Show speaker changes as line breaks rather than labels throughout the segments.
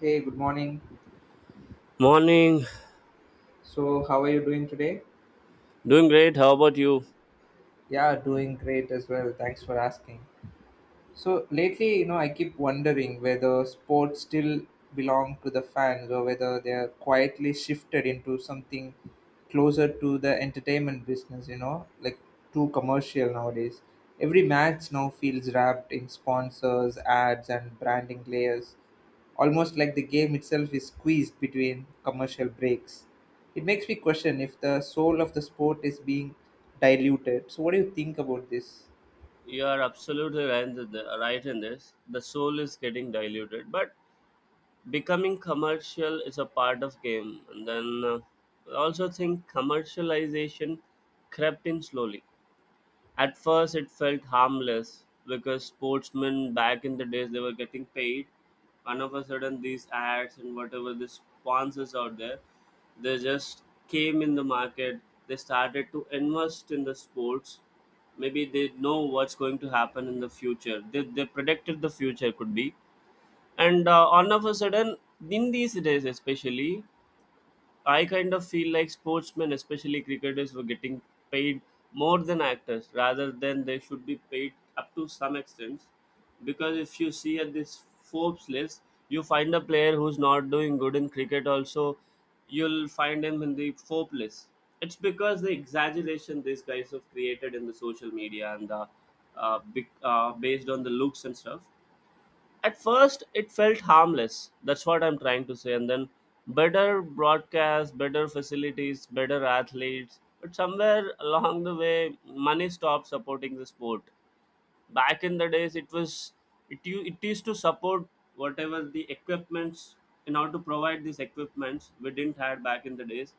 Hey, good morning.
Morning,
So, how are you doing today?
doing great. How about you?
Yeah, doing great as well. Thanks for asking. So lately, I keep wondering whether sports still belong to the fans or whether they are quietly shifted into something closer to the entertainment business, like too commercial nowadays. Every match now feels wrapped in sponsors, ads, and branding layers, almost like the game itself is squeezed between commercial breaks. It makes me question if the soul of the sport is being diluted. So, what do you think about this?
You are absolutely right in right in this. The soul is getting diluted, but becoming commercial is a part of game. And then I also think commercialization crept in slowly. At first, it felt harmless because sportsmen back in the days they were getting paid, and of a sudden these ads and whatever the sponsors out there, they just came in the market. They started to invest in the sports. Maybe they know what's going to happen in the future. They predicted the future could be, and all of a sudden in these days especially I kind of feel like sportsmen, especially cricketers, were getting paid more than actors, rather than they should be paid up to some extent. Because if you see at this Forbes list, you find a player who's not doing good in cricket, also, you'll find him in the Forbes list. It's because the exaggeration these guys have created in the social media and the big, based on the looks and stuff. At first it felt harmless, that's what I'm trying to say, and then better broadcast, better facilities, better athletes, but somewhere along the way money stopped supporting the sport. Back in the days it was, it used to support whatever the equipments. In order to provide these equipments we didn't had back in the days,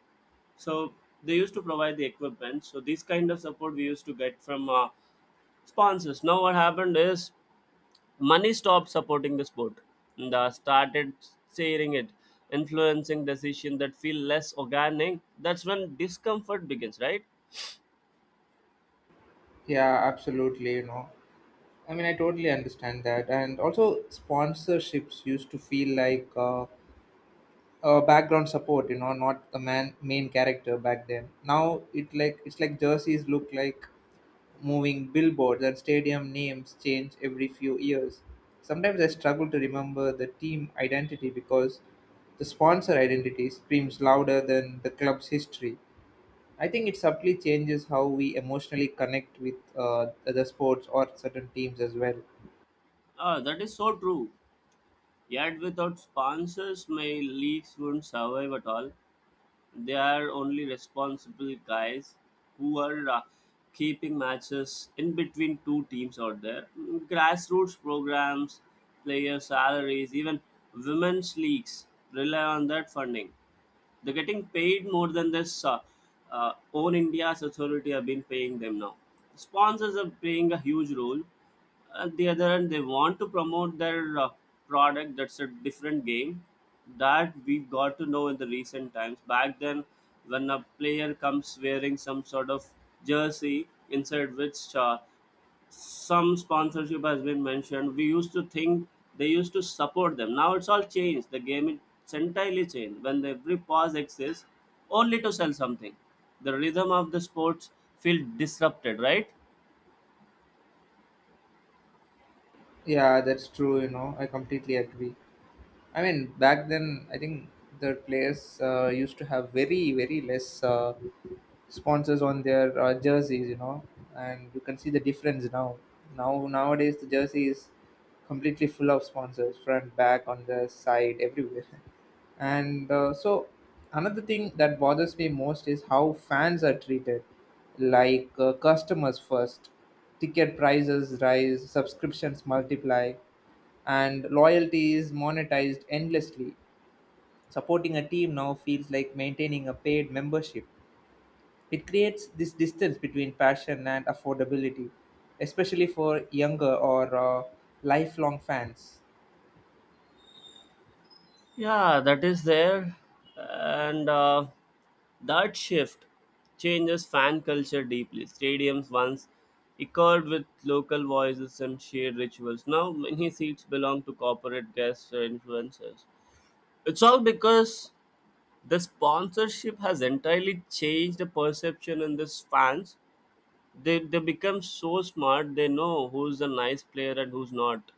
so they used to provide the equipment. So this kind of support we used to get from sponsors. Now what happened is money stopped supporting the sport and started sharing it, influencing decisions that feel less organic. That's when discomfort begins, right?
Yeah, absolutely. I mean, I totally understand that. And also, sponsorships used to feel like background support, not the man main character back then. Now it's like jerseys look like moving billboards, and stadium names change every few years. Sometimes I struggle to remember the team identity because the sponsor identity screams louder than the club's history. I think it subtly changes how we emotionally connect with other sports or certain teams as well.
Ah, that is so true. Yet without sponsors, my leagues wouldn't survive at all. They are only responsible guys who are keeping matches in between two teams out there. Mm, grassroots programs, player salaries, even women's leagues rely on that funding. They're getting paid more than this own India's authority have been paying them now. Sponsors are playing a huge role. At the other end, they want to promote their product. That's a different game that we've got to know in the recent times. Back then, when a player comes wearing some sort of jersey inside which some sponsorship has been mentioned. We used to think they used to support them. Now it's all changed. The game is entirely changed. When every pause exists only to sell something, the rhythm of the sports feel disrupted. Right?
Yeah, that's true. I completely agree. I mean, back then, I think the players used to have very, very less sponsors on their jerseys, and you can see the difference now. Now, nowadays, the jersey is completely full of sponsors, front, back, on the side, everywhere. And so, another thing that bothers me most is how fans are treated, like customers first. Ticket prices rise, subscriptions multiply, and loyalty is monetized endlessly. Supporting a team now feels like maintaining a paid membership. It creates this distance between passion and affordability, especially for younger or lifelong fans.
Yeah, that is there, and that shift changes fan culture deeply. Stadiums once echoed with local voices and shared rituals. Now many seats belong to corporate guests or influencers. It's all because the sponsorship has entirely changed the perception in this fans. They become so smart, they know who's a nice player and who's not.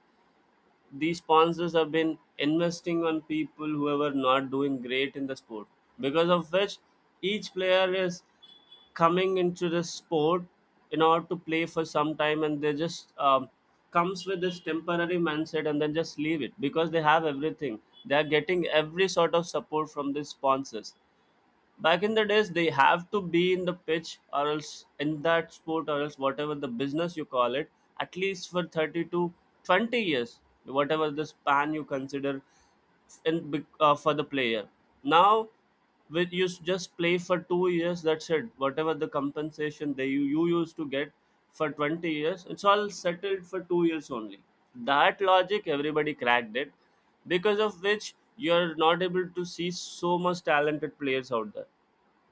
These sponsors have been investing on people who are not doing great in the sport, because of which each player is coming into the sport in order to play for some time, and they just comes with this temporary mindset and then just leave it because they have everything. They are getting every sort of support from the sponsors. Back in the days they have to be in the pitch, or else in that sport, or else whatever the business you call it, at least for 30 to 20 years, whatever the span you consider for the player. Now, just play for 2 years, that's it. Whatever the compensation you used to get for 20 years, it's all settled for 2 years only. That logic everybody cracked it, because of which you're not able to see so much talented players out there.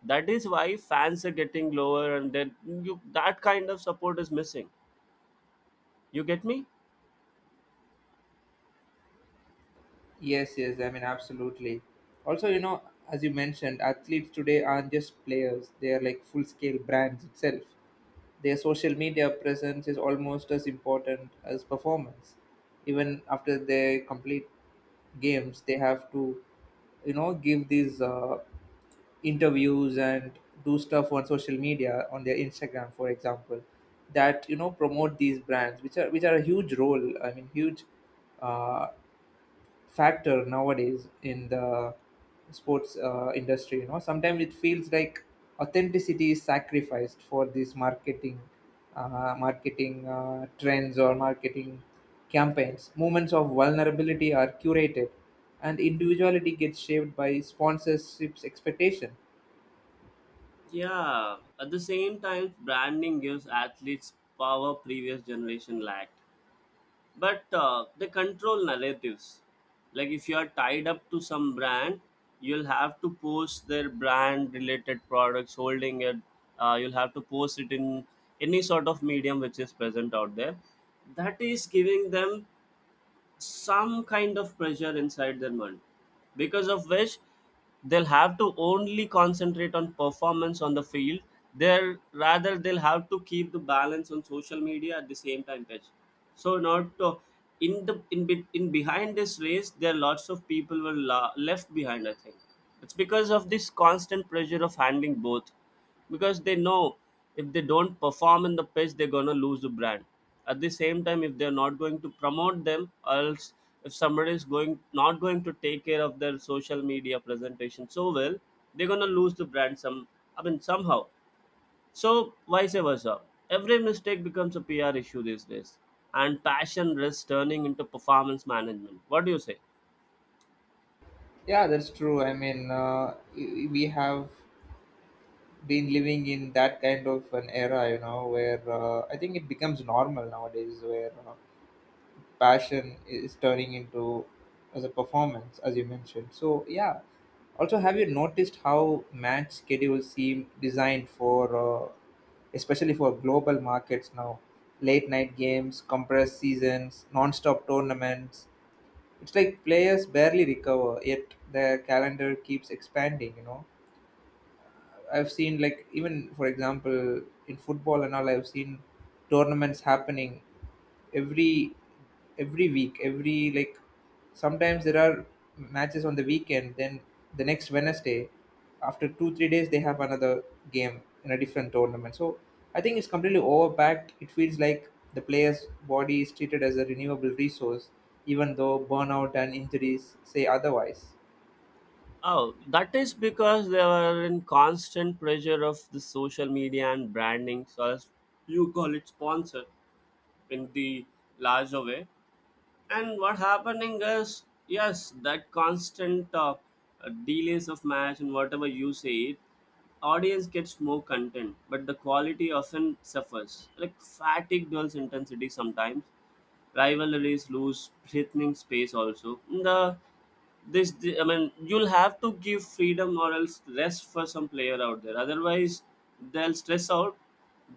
That is why fans are getting lower, and then you, that kind of support is missing. You get me?
Yes, yes, I mean, absolutely. Also, as you mentioned, athletes today aren't just players, they are like full scale brands itself. Their social media presence is almost as important as performance. Even after they complete games, they have to, give these interviews and do stuff on social media on their Instagram, for example, that promote these brands, which are a huge role, I mean huge uh, factor nowadays in the sports industry. Sometimes it feels like authenticity is sacrificed for these marketing trends or marketing campaigns. Moments of vulnerability are curated, and individuality gets shaped by sponsorships expectation.
Yeah, at the same time branding gives athletes power previous generation lacked, but they control narratives. Like if you are tied up to some brand, you'll have to post their brand related products holding it. You'll have to post it in any sort of medium which is present out there. That is giving them some kind of pressure inside their mind, because of which they'll have to only concentrate on performance on the field. They'll have to keep the balance on social media at the same time pitch. So not to, in the in, be- In behind this race there are lots of people were left behind, I think. It's because of this constant pressure of handling both, because they know if they don't perform in the pitch they're gonna lose the brand. At the same time, if they're not going to promote them, or else if somebody is going not going to take care of their social media presentation so well, they're gonna lose the brand somehow. So vice versa, every mistake becomes a PR issue these days, and passion risks turning into performance management. What do you say?
Yeah, that's true. I mean, we have been living in that kind of an era, where I think it becomes normal nowadays where passion is turning into as a performance, as you mentioned. So yeah. Also, have you noticed how match schedules seem designed especially for global markets now? Late night games, compressed seasons, non-stop tournaments. It's like players barely recover, yet their calendar keeps expanding. I've seen, like, even for example, in football and all, I've seen tournaments happening every every week, every like sometimes. There are matches on the weekend, then the next Wednesday, after 2 3 days they have another game in a different tournament. So I think it's completely overpacked. It feels like the player's body is treated as a renewable resource, even though burnout and injuries say otherwise.
Oh, that is because they were in constant pressure of the social media and branding, so as you call it sponsor in the larger way. And what happening is, yes, that constant delays of match and whatever you say it, audience gets more content, but the quality often suffers. Like fatigue dulls intensity sometimes, rivalries lose threatening space. Also the this the, I mean you'll have to give freedom or else rest for some player out there, otherwise they'll stress out,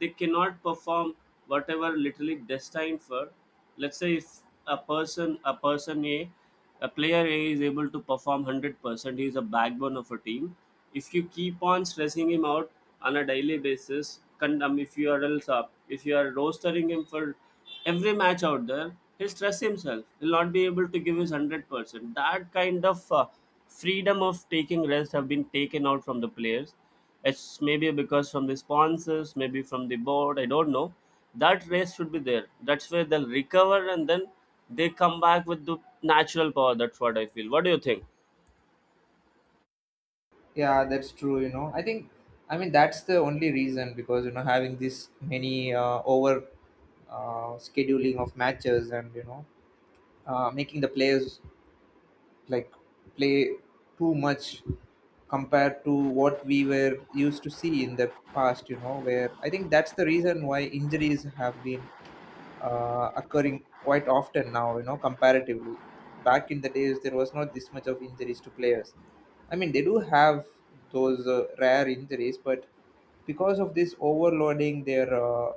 they cannot perform whatever literally destined for. Let's say if a person a person a player A is able to perform 100%, he is a backbone of a team. If you keep on stressing him out on a daily basis, con- if you are else up if you are rostering him for every match out there, he'll stress himself. He'll not be able to give his 100%. That kind of freedom of taking rest have been taken out from the players. It's maybe because from the sponsors, maybe from the board. I don't know. That rest should be there. That's where they'll recover, and then they come back with the natural power. That's what I feel. What do you think?
Yeah, that's true. I think, I mean, that's the only reason, because, having this many over scheduling of matches, and, making the players like play too much compared to what we were used to see in the past, where I think that's the reason why injuries have been occurring quite often now, comparatively. Back in the days, there was not this much of injuries to players. I mean, they do have those rare injuries, but because of this overloading, their uh,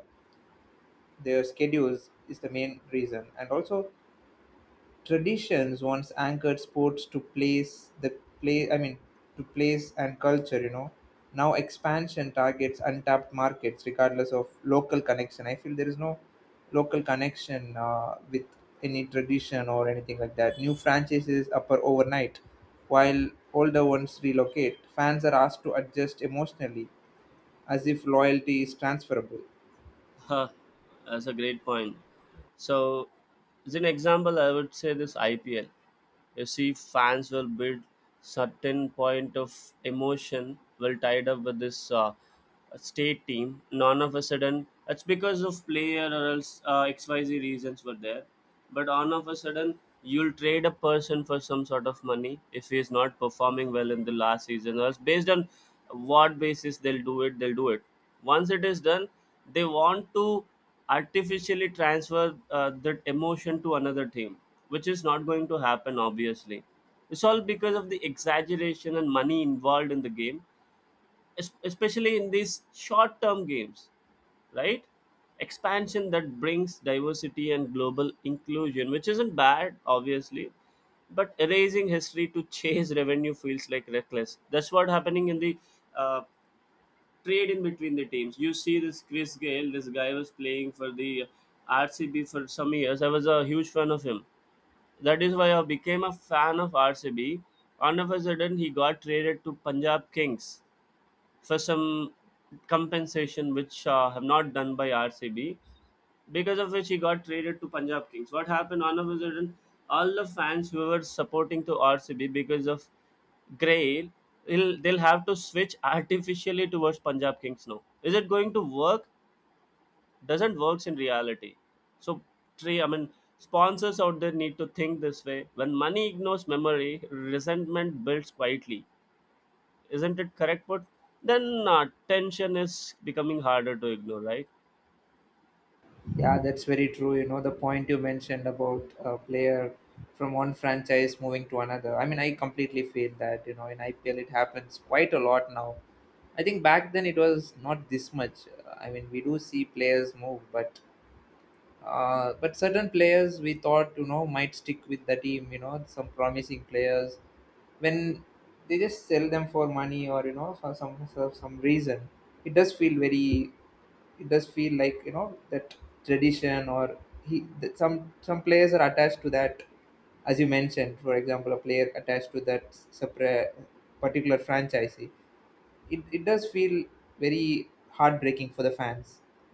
their schedules is the main reason. And also, traditions once anchored sports to place, the play I mean to place and culture. Now expansion targets untapped markets regardless of local connection. I feel there is no local connection with any tradition or anything like that. New franchises appear overnight while older ones relocate. Fans are asked to adjust emotionally, as if loyalty is transferable.
Huh, that's a great point. So, as an example, I would say this IPL. You see, fans will build certain point of emotion will tied up with this state team. None of a sudden, it's because of player or else XYZ reasons were there. But all of a sudden, you'll trade a person for some sort of money if he is not performing well in the last season. Or else based on what basis they'll do it, they'll do it. Once it is done, they want to artificially transfer that emotion to another team, which is not going to happen, obviously. It's all because of the exaggeration and money involved in the game, especially in these short term games, right? Expansion that brings diversity and global inclusion, which isn't bad, obviously, but erasing history to chase revenue feels like reckless. That's what happening in the uh, trade in between the teams. You see this Chris Gayle. This guy was playing for the RCB for some years. I was a huge fan of him. That is why I became a fan of RCB. All of a sudden, he got traded to Punjab Kings for some compensation, which have not done by RCB, because of which he got traded to Punjab Kings. What happened? All of a sudden, all the fans who were supporting to RCB because of Grail, they'll have to switch artificially towards Punjab Kings now. Is it going to work? Doesn't works in reality. So, three, I mean, sponsors out there need to think this way. When money ignores memory, resentment builds quietly. Isn't it correct? But then tension is becoming harder to ignore, right?
Yeah, that's very true. The point you mentioned about a player from one franchise moving to another. I mean, I completely feel that, in IPL it happens quite a lot now. I think back then it was not this much. I mean, we do see players move, but but certain players, we thought, might stick with the team. Some promising players, when they just sell them for money, or for some reason. It does feel very. It does feel like, that tradition, or he that some players are attached to that, as you mentioned, for example, a player attached to that separate particular franchise, it does feel very heartbreaking for the fans.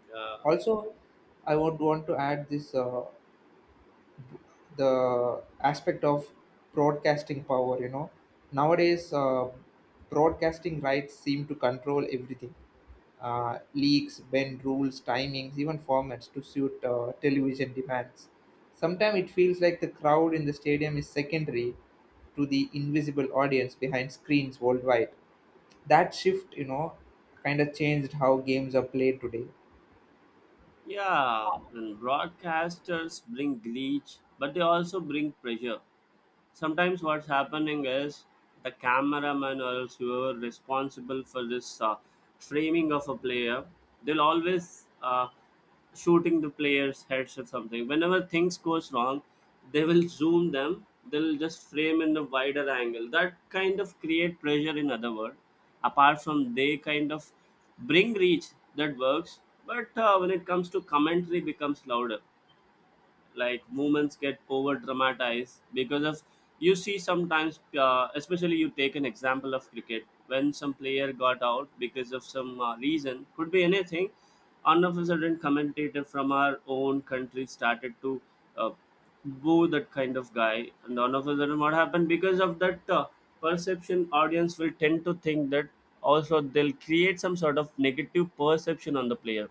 Yeah.
Also, I would want to add this, the aspect of broadcasting power. Nowadays broadcasting rights seem to control everything. Leaks bend rules, timings, even formats to suit television demands. Sometimes it feels like the crowd in the stadium is secondary to the invisible audience behind screens worldwide. That shift kind of changed how games are played today.
Yeah, and broadcasters bring glitch, but they also bring pressure. Sometimes what's happening is the cameraman or else whoever responsible for this framing of a player, they'll always shooting the players heads or something whenever things goes wrong. They will zoom them, they'll just frame in the wider angle. That kind of create pressure, in other word, apart from they kind of bring reach. That works, but when it comes to commentary becomes louder, like movements get over dramatized because of, you see sometimes, especially you take an example of cricket, when some player got out because of some reason, could be anything. All of a sudden commentator from our own country started to uh, boo that kind of guy, and all of a sudden what happened because of that perception, audience will tend to think that, also they'll create some sort of negative perception on the player.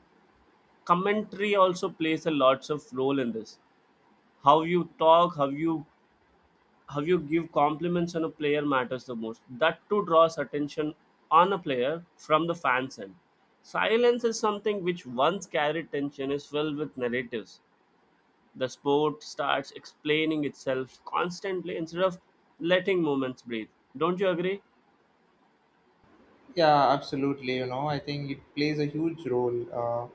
Commentary also plays a lots of role in this. How you talk, how you, how you give compliments on a player matters the most. That too draws attention on a player from the fans end. Silence is something which once carried tension, is filled with narratives. The sport starts explaining itself constantly instead of letting moments breathe. Don't you agree?
Yeah, absolutely. I think it plays a huge role. Uh,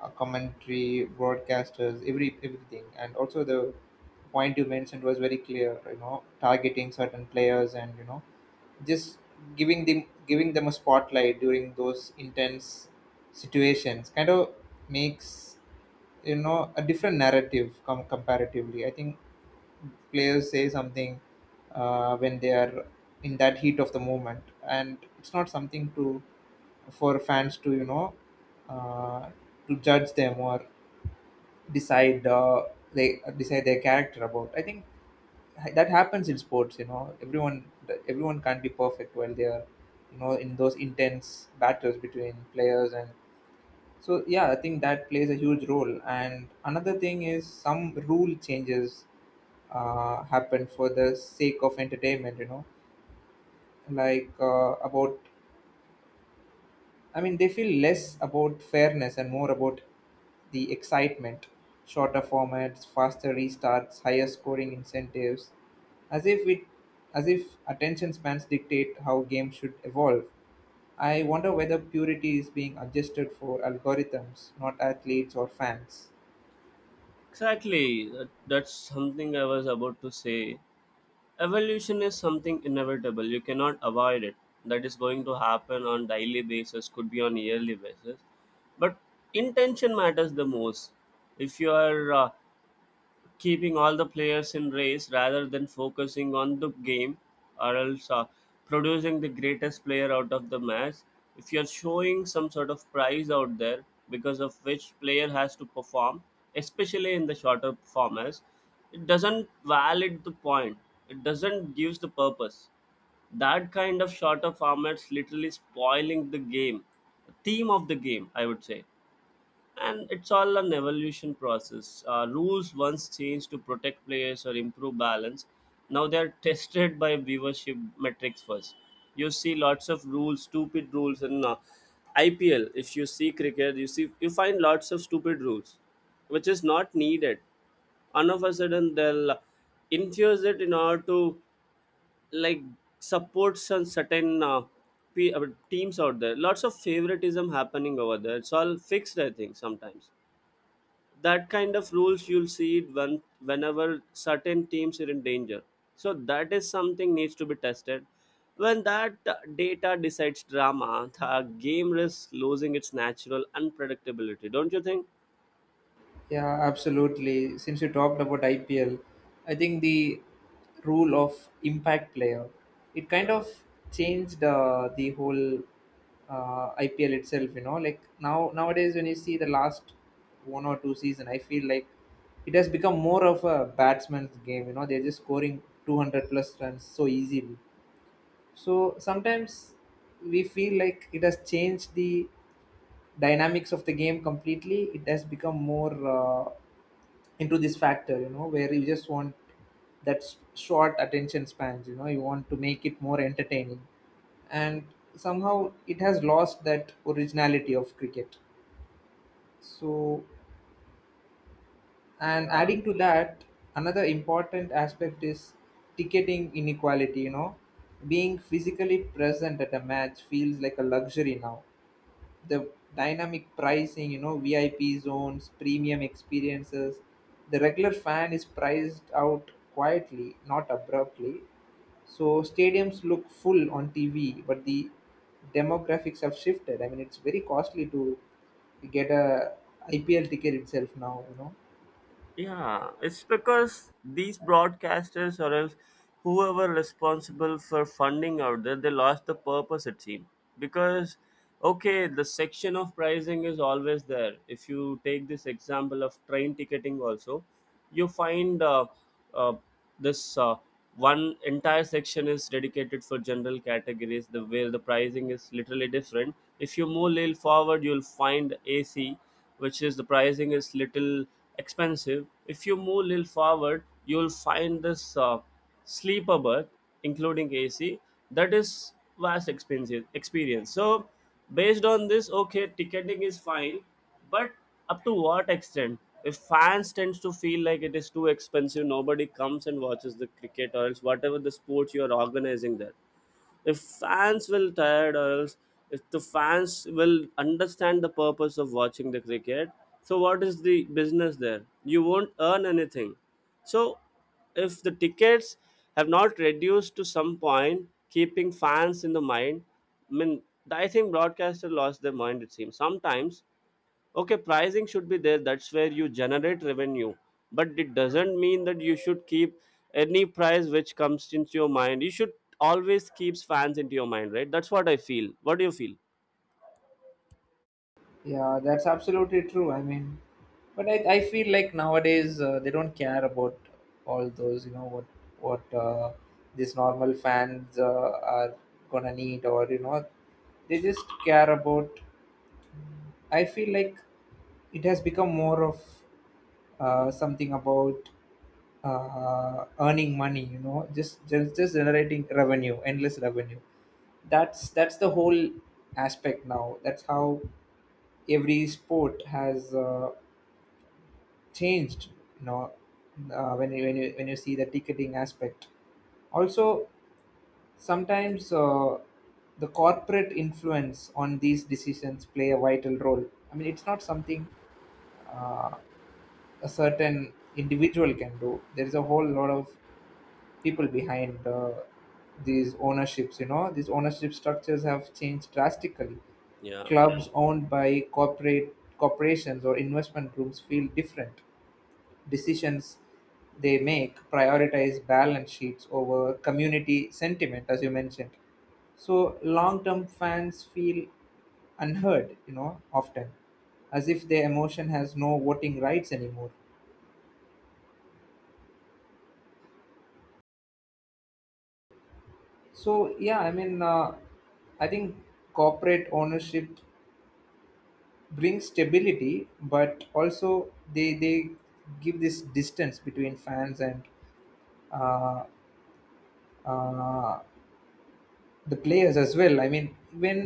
uh, commentary, broadcasters, everything, and also the point you mentioned was very clear. Targeting certain players, and just giving them a spotlight during those intense situations kind of makes, a different narrative, comparatively. I think players say something, when they are in that heat of the moment, and it's not something to for fans to, uh, to judge them, or decide they decide their character about. I think that happens in sports. Everyone can't be perfect while they are, in those intense battles between players. And so yeah, I think that plays a huge role. And another thing is, some rule changes happen for the sake of entertainment, like, about I mean, they feel less about fairness and more about the excitement, shorter formats, faster restarts, higher scoring incentives, as if it, as if attention spans dictate how games should evolve. I wonder whether purity is being adjusted for algorithms, not athletes or fans.
Exactly that's something I was about to say. Evolution is something inevitable. You cannot avoid it. That is going to happen on daily basis, could be on yearly basis. But intention matters the most. If you are keeping all the players in race rather than focusing on the game, or else producing the greatest player out of the match, if you're showing some sort of prize out there because of which player has to perform, especially in the shorter formats, it doesn't valid the point, it doesn't gives the purpose. That kind of shorter formats literally spoiling the game, theme of the game I would say. And it's all an evolution process. Rules once changed to protect players or improve balance. Now they're tested by viewership metrics first. You see lots of rules, stupid rules in IPL. If you see cricket, you see you find lots of stupid rules, which is not needed. And of a sudden, they'll infuse it in order to, like, support some certain teams out there. Lots of favoritism happening over there. It's all fixed, I think, sometimes. That kind of rules you'll see it when whenever certain teams are in danger, so that is something needs to be tested. When that data decides drama, the game risks losing its natural unpredictability. Don't you think?
Yeah, absolutely. Since you talked about IPL, I think the rule of impact player, it kind of changed the whole IPL itself. Like now nowadays when you see the last one or two season, I feel like it has become more of a batsman's game. They're just scoring 200 plus runs so easily. So sometimes we feel like it has changed the dynamics of the game completely. It has become more into this factor, where you just want that short attention spans. You want to make it more entertaining, and somehow it has lost that originality of cricket. So, and
Yeah,
adding to that, another important aspect is ticketing inequality. Being physically present at a match feels like a luxury now, the dynamic pricing, VIP zones, premium experiences. The regular fan is priced out quietly, not abruptly. So stadiums look full on TV, but the demographics have shifted. I mean, it's very costly to get a IPL ticket itself now.
yeah, it's because these broadcasters or else whoever responsible for funding out there, they lost the purpose it seems. Because okay, the section of pricing is always there. If you take this example of train ticketing also, you find uh, this one entire section is dedicated for general categories. The where the pricing is literally different. If you move a little forward, you'll find AC, which is the pricing is little expensive. If you move little forward, you'll find this sleeper berth, including AC, that is vast expensive experience. So based on this, okay, ticketing is fine, but up to what extent? If fans tends to feel like it is too expensive, nobody comes and watches the cricket or else whatever the sports you are organizing there. If fans will tired, or else if the fans will understand the purpose of watching the cricket, so what is the business there? You won't earn anything. So if the tickets have not reduced to some point keeping fans in the mind, I mean, I think broadcaster lost their mind it seems sometimes. Okay, pricing should be there. That's where you generate revenue. But it doesn't mean that you should keep any price which comes into your mind. You should always keep fans into your mind, right? That's what I feel. What do you feel?
Yeah, that's absolutely true. I mean, but I feel like nowadays they don't care about all those, what what uh, these normal fans are gonna need, or they just care about. I feel like it has become more of something about earning money, just generating revenue, endless revenue. That's the whole aspect now. That's how every sport has. Changed. you know when you see the ticketing aspect also, sometimes the corporate influence on these decisions play a vital role. I mean, it's not something, uh, a certain individual can do. There is a whole lot of people behind, these ownerships. These ownership structures have changed drastically.
Yeah.
Clubs owned by corporate corporations or investment groups feel different; decisions they make prioritize balance sheets over community sentiment, as you mentioned. So long term fans feel unheard, often, as if their emotion has no voting rights anymore. So yeah, I mean, I think corporate ownership brings stability, but also they give this distance between fans and, uh, uh, the players as well. I mean, when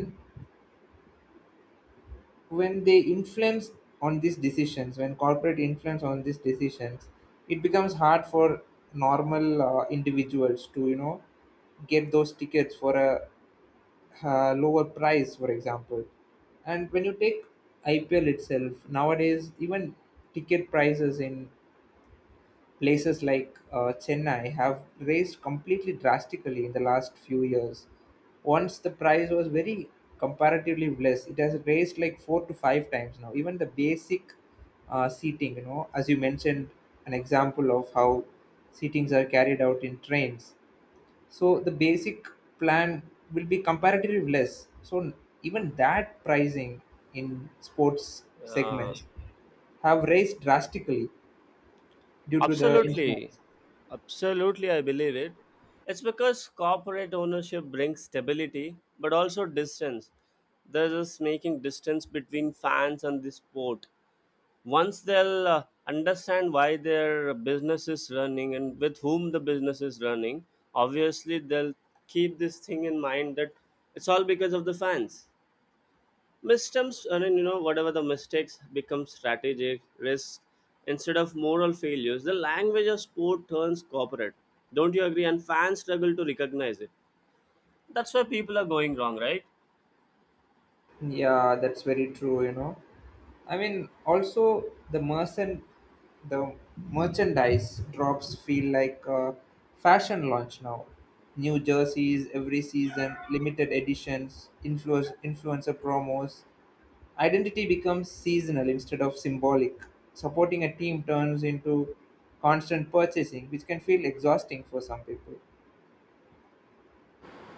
they influence on these decisions, when corporate influence on these decisions, it becomes hard for normal individuals to, get those tickets for a lower price, for example. And when you take IPL itself nowadays, even ticket prices in places like Chennai have raised completely drastically in the last few years. Once the price was very comparatively less, it has raised like four to five times now. Even the basic seating, as you mentioned, an example of how seatings are carried out in trains. So the basic plan will be comparatively less. So even that pricing in sports
Yeah.
segments have raised drastically due to the
Absolutely.
influence.
Absolutely, I believe it. It's because corporate ownership brings stability, but also distance. There's just making distance between fans and the sport. Once they'll understand why their business is running and with whom the business is running, obviously they'll keep this thing in mind, that it's all because of the fans. Missteps, I mean, you know, whatever the mistakes become strategic risk instead of moral failures. The language of sport turns corporate, don't you agree, and fans struggle to recognize it. That's why people are going wrong, right?
Yeah, that's very true. I mean, also the merchandise drops feel like a fashion launch now. New jerseys every season, limited editions, influencer promos. Identity becomes seasonal instead of symbolic. Supporting a team turns into constant purchasing, which can feel exhausting for some people.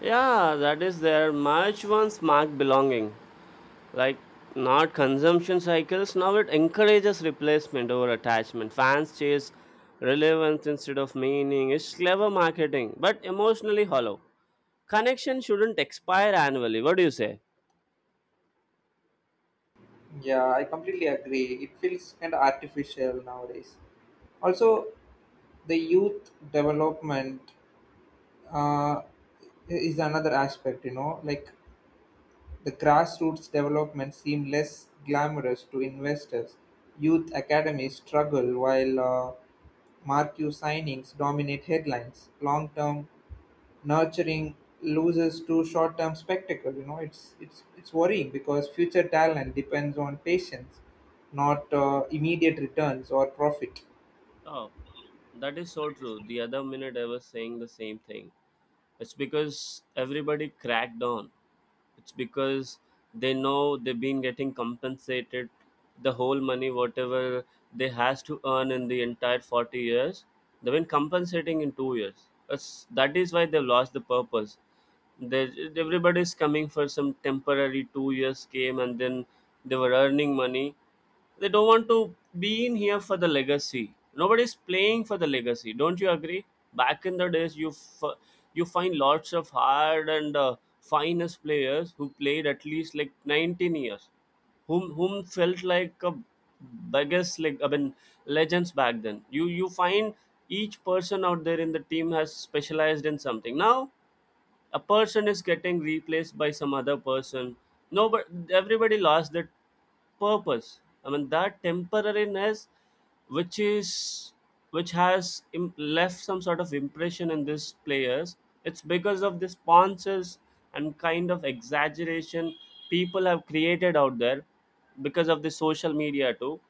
Yeah, that is there much once mark belonging, like, not consumption cycles now. It encourages replacement over attachment. Fans chase relevance instead of meaning. It's clever marketing but emotionally hollow. Connection shouldn't expire annually. What do you say?
Yeah, I completely agree. It feels kind of artificial nowadays. Also, the youth development uh, is another aspect. Like the grassroots development seem less glamorous to investors. Youth academies struggle while marquee signings dominate headlines. Long-term nurturing loses to short-term spectacle. It's worrying because future talent depends on patience, not immediate returns or profit.
Oh, that is so true. The other minute I was saying the same thing. It's because everybody cracked down. It's because they know they've been getting compensated, the whole money whatever they has to earn in the entire 40 years, they've been compensating in 2 years. That is why they've lost the purpose there. Everybody's coming for some temporary 2 years, came and then they were earning money. They don't want to be in here for the legacy. Nobody's playing for the legacy. Don't you agree? Back in the days, you you find lots of hard and finest players who played at least like 19 years, whom felt like a biggest, like, I mean, legends back then. You find each person out there in the team has specialized in something. Now a person is getting replaced by some other person. No, but everybody lost that purpose, I mean that temporariness, which is, which has left some sort of impression in these players. It's because of the sponsors and kind of exaggeration people have created out there, because of the social media too.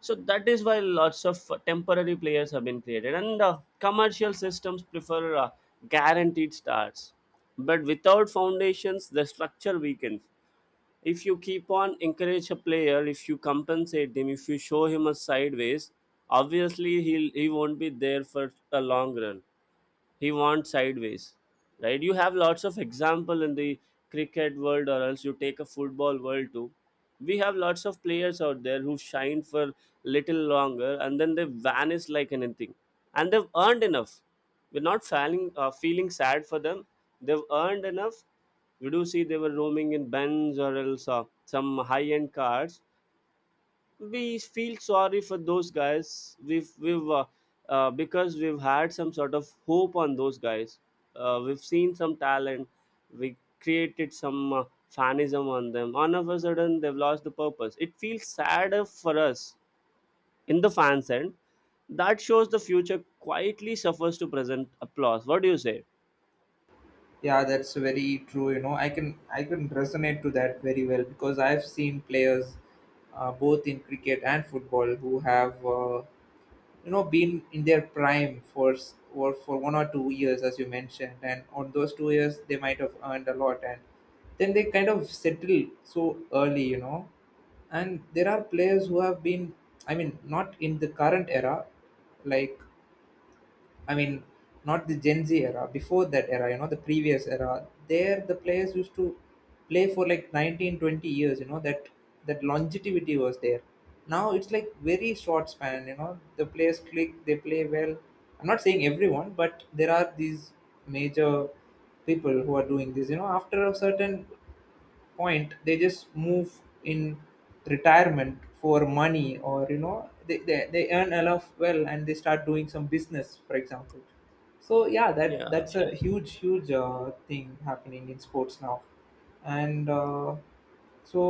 So that is why lots of temporary players have been created, and commercial systems prefer guaranteed stars, but without foundations the structure weakens. If you keep on encourage a player, if you compensate him, if you show him a sideways, obviously he won't be there for a long run. He wants sideways, right? You have lots of example in the cricket world, or else you take a football world too. We have lots of players out there who shine for little longer and then they vanish like anything, and they've earned enough. We're not feeling feeling sad for them, they've earned enough. We do see they were roaming in Benz or else some high-end cars. We feel sorry for those guys. We've Because we've had some sort of hope on those guys, we've seen some talent, we created some fanism on them. All of a sudden they've lost the purpose. It feels sadder for us in the fans end. That shows the future quietly suffers to present applause. What do you say?
Yeah, that's very true. I can resonate to that very well because I've seen players, both in cricket and football, who have been in their prime for 1 or 2 years, as you mentioned, and on those 2 years they might have earned a lot, and then they kind of settle so early. And there are players who have been, I mean, not in the current era, like, I mean, not the Gen Z era, before that era, the previous era, there the players used to play for like 19, 20 years, that longevity was there. Now it's like very short span, the players click, they play well. I'm not saying everyone, but there are these major people who are doing this, after a certain point they just move in retirement for money, or they earn enough well and they start doing some business, for example. So yeah, that
Yeah.
that's a huge thing happening in sports now. And so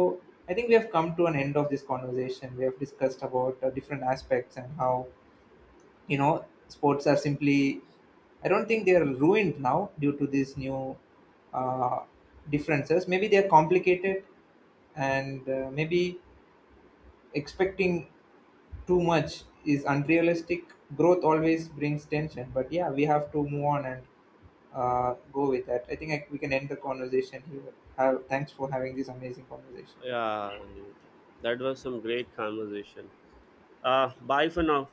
I think we have come to an end of this conversation. We have discussed about different aspects, and how, you know sports are simply, I don't think they are ruined now, due to these new uh, differences. Maybe they are complicated, and maybe expecting too much is unrealistic. Growth always brings tension, but yeah, we have to move on and go with that. I think, we can end the conversation here. Thanks for having this amazing conversation.
Yeah, that was some great conversation. Uh, bye for now.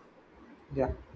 Yeah.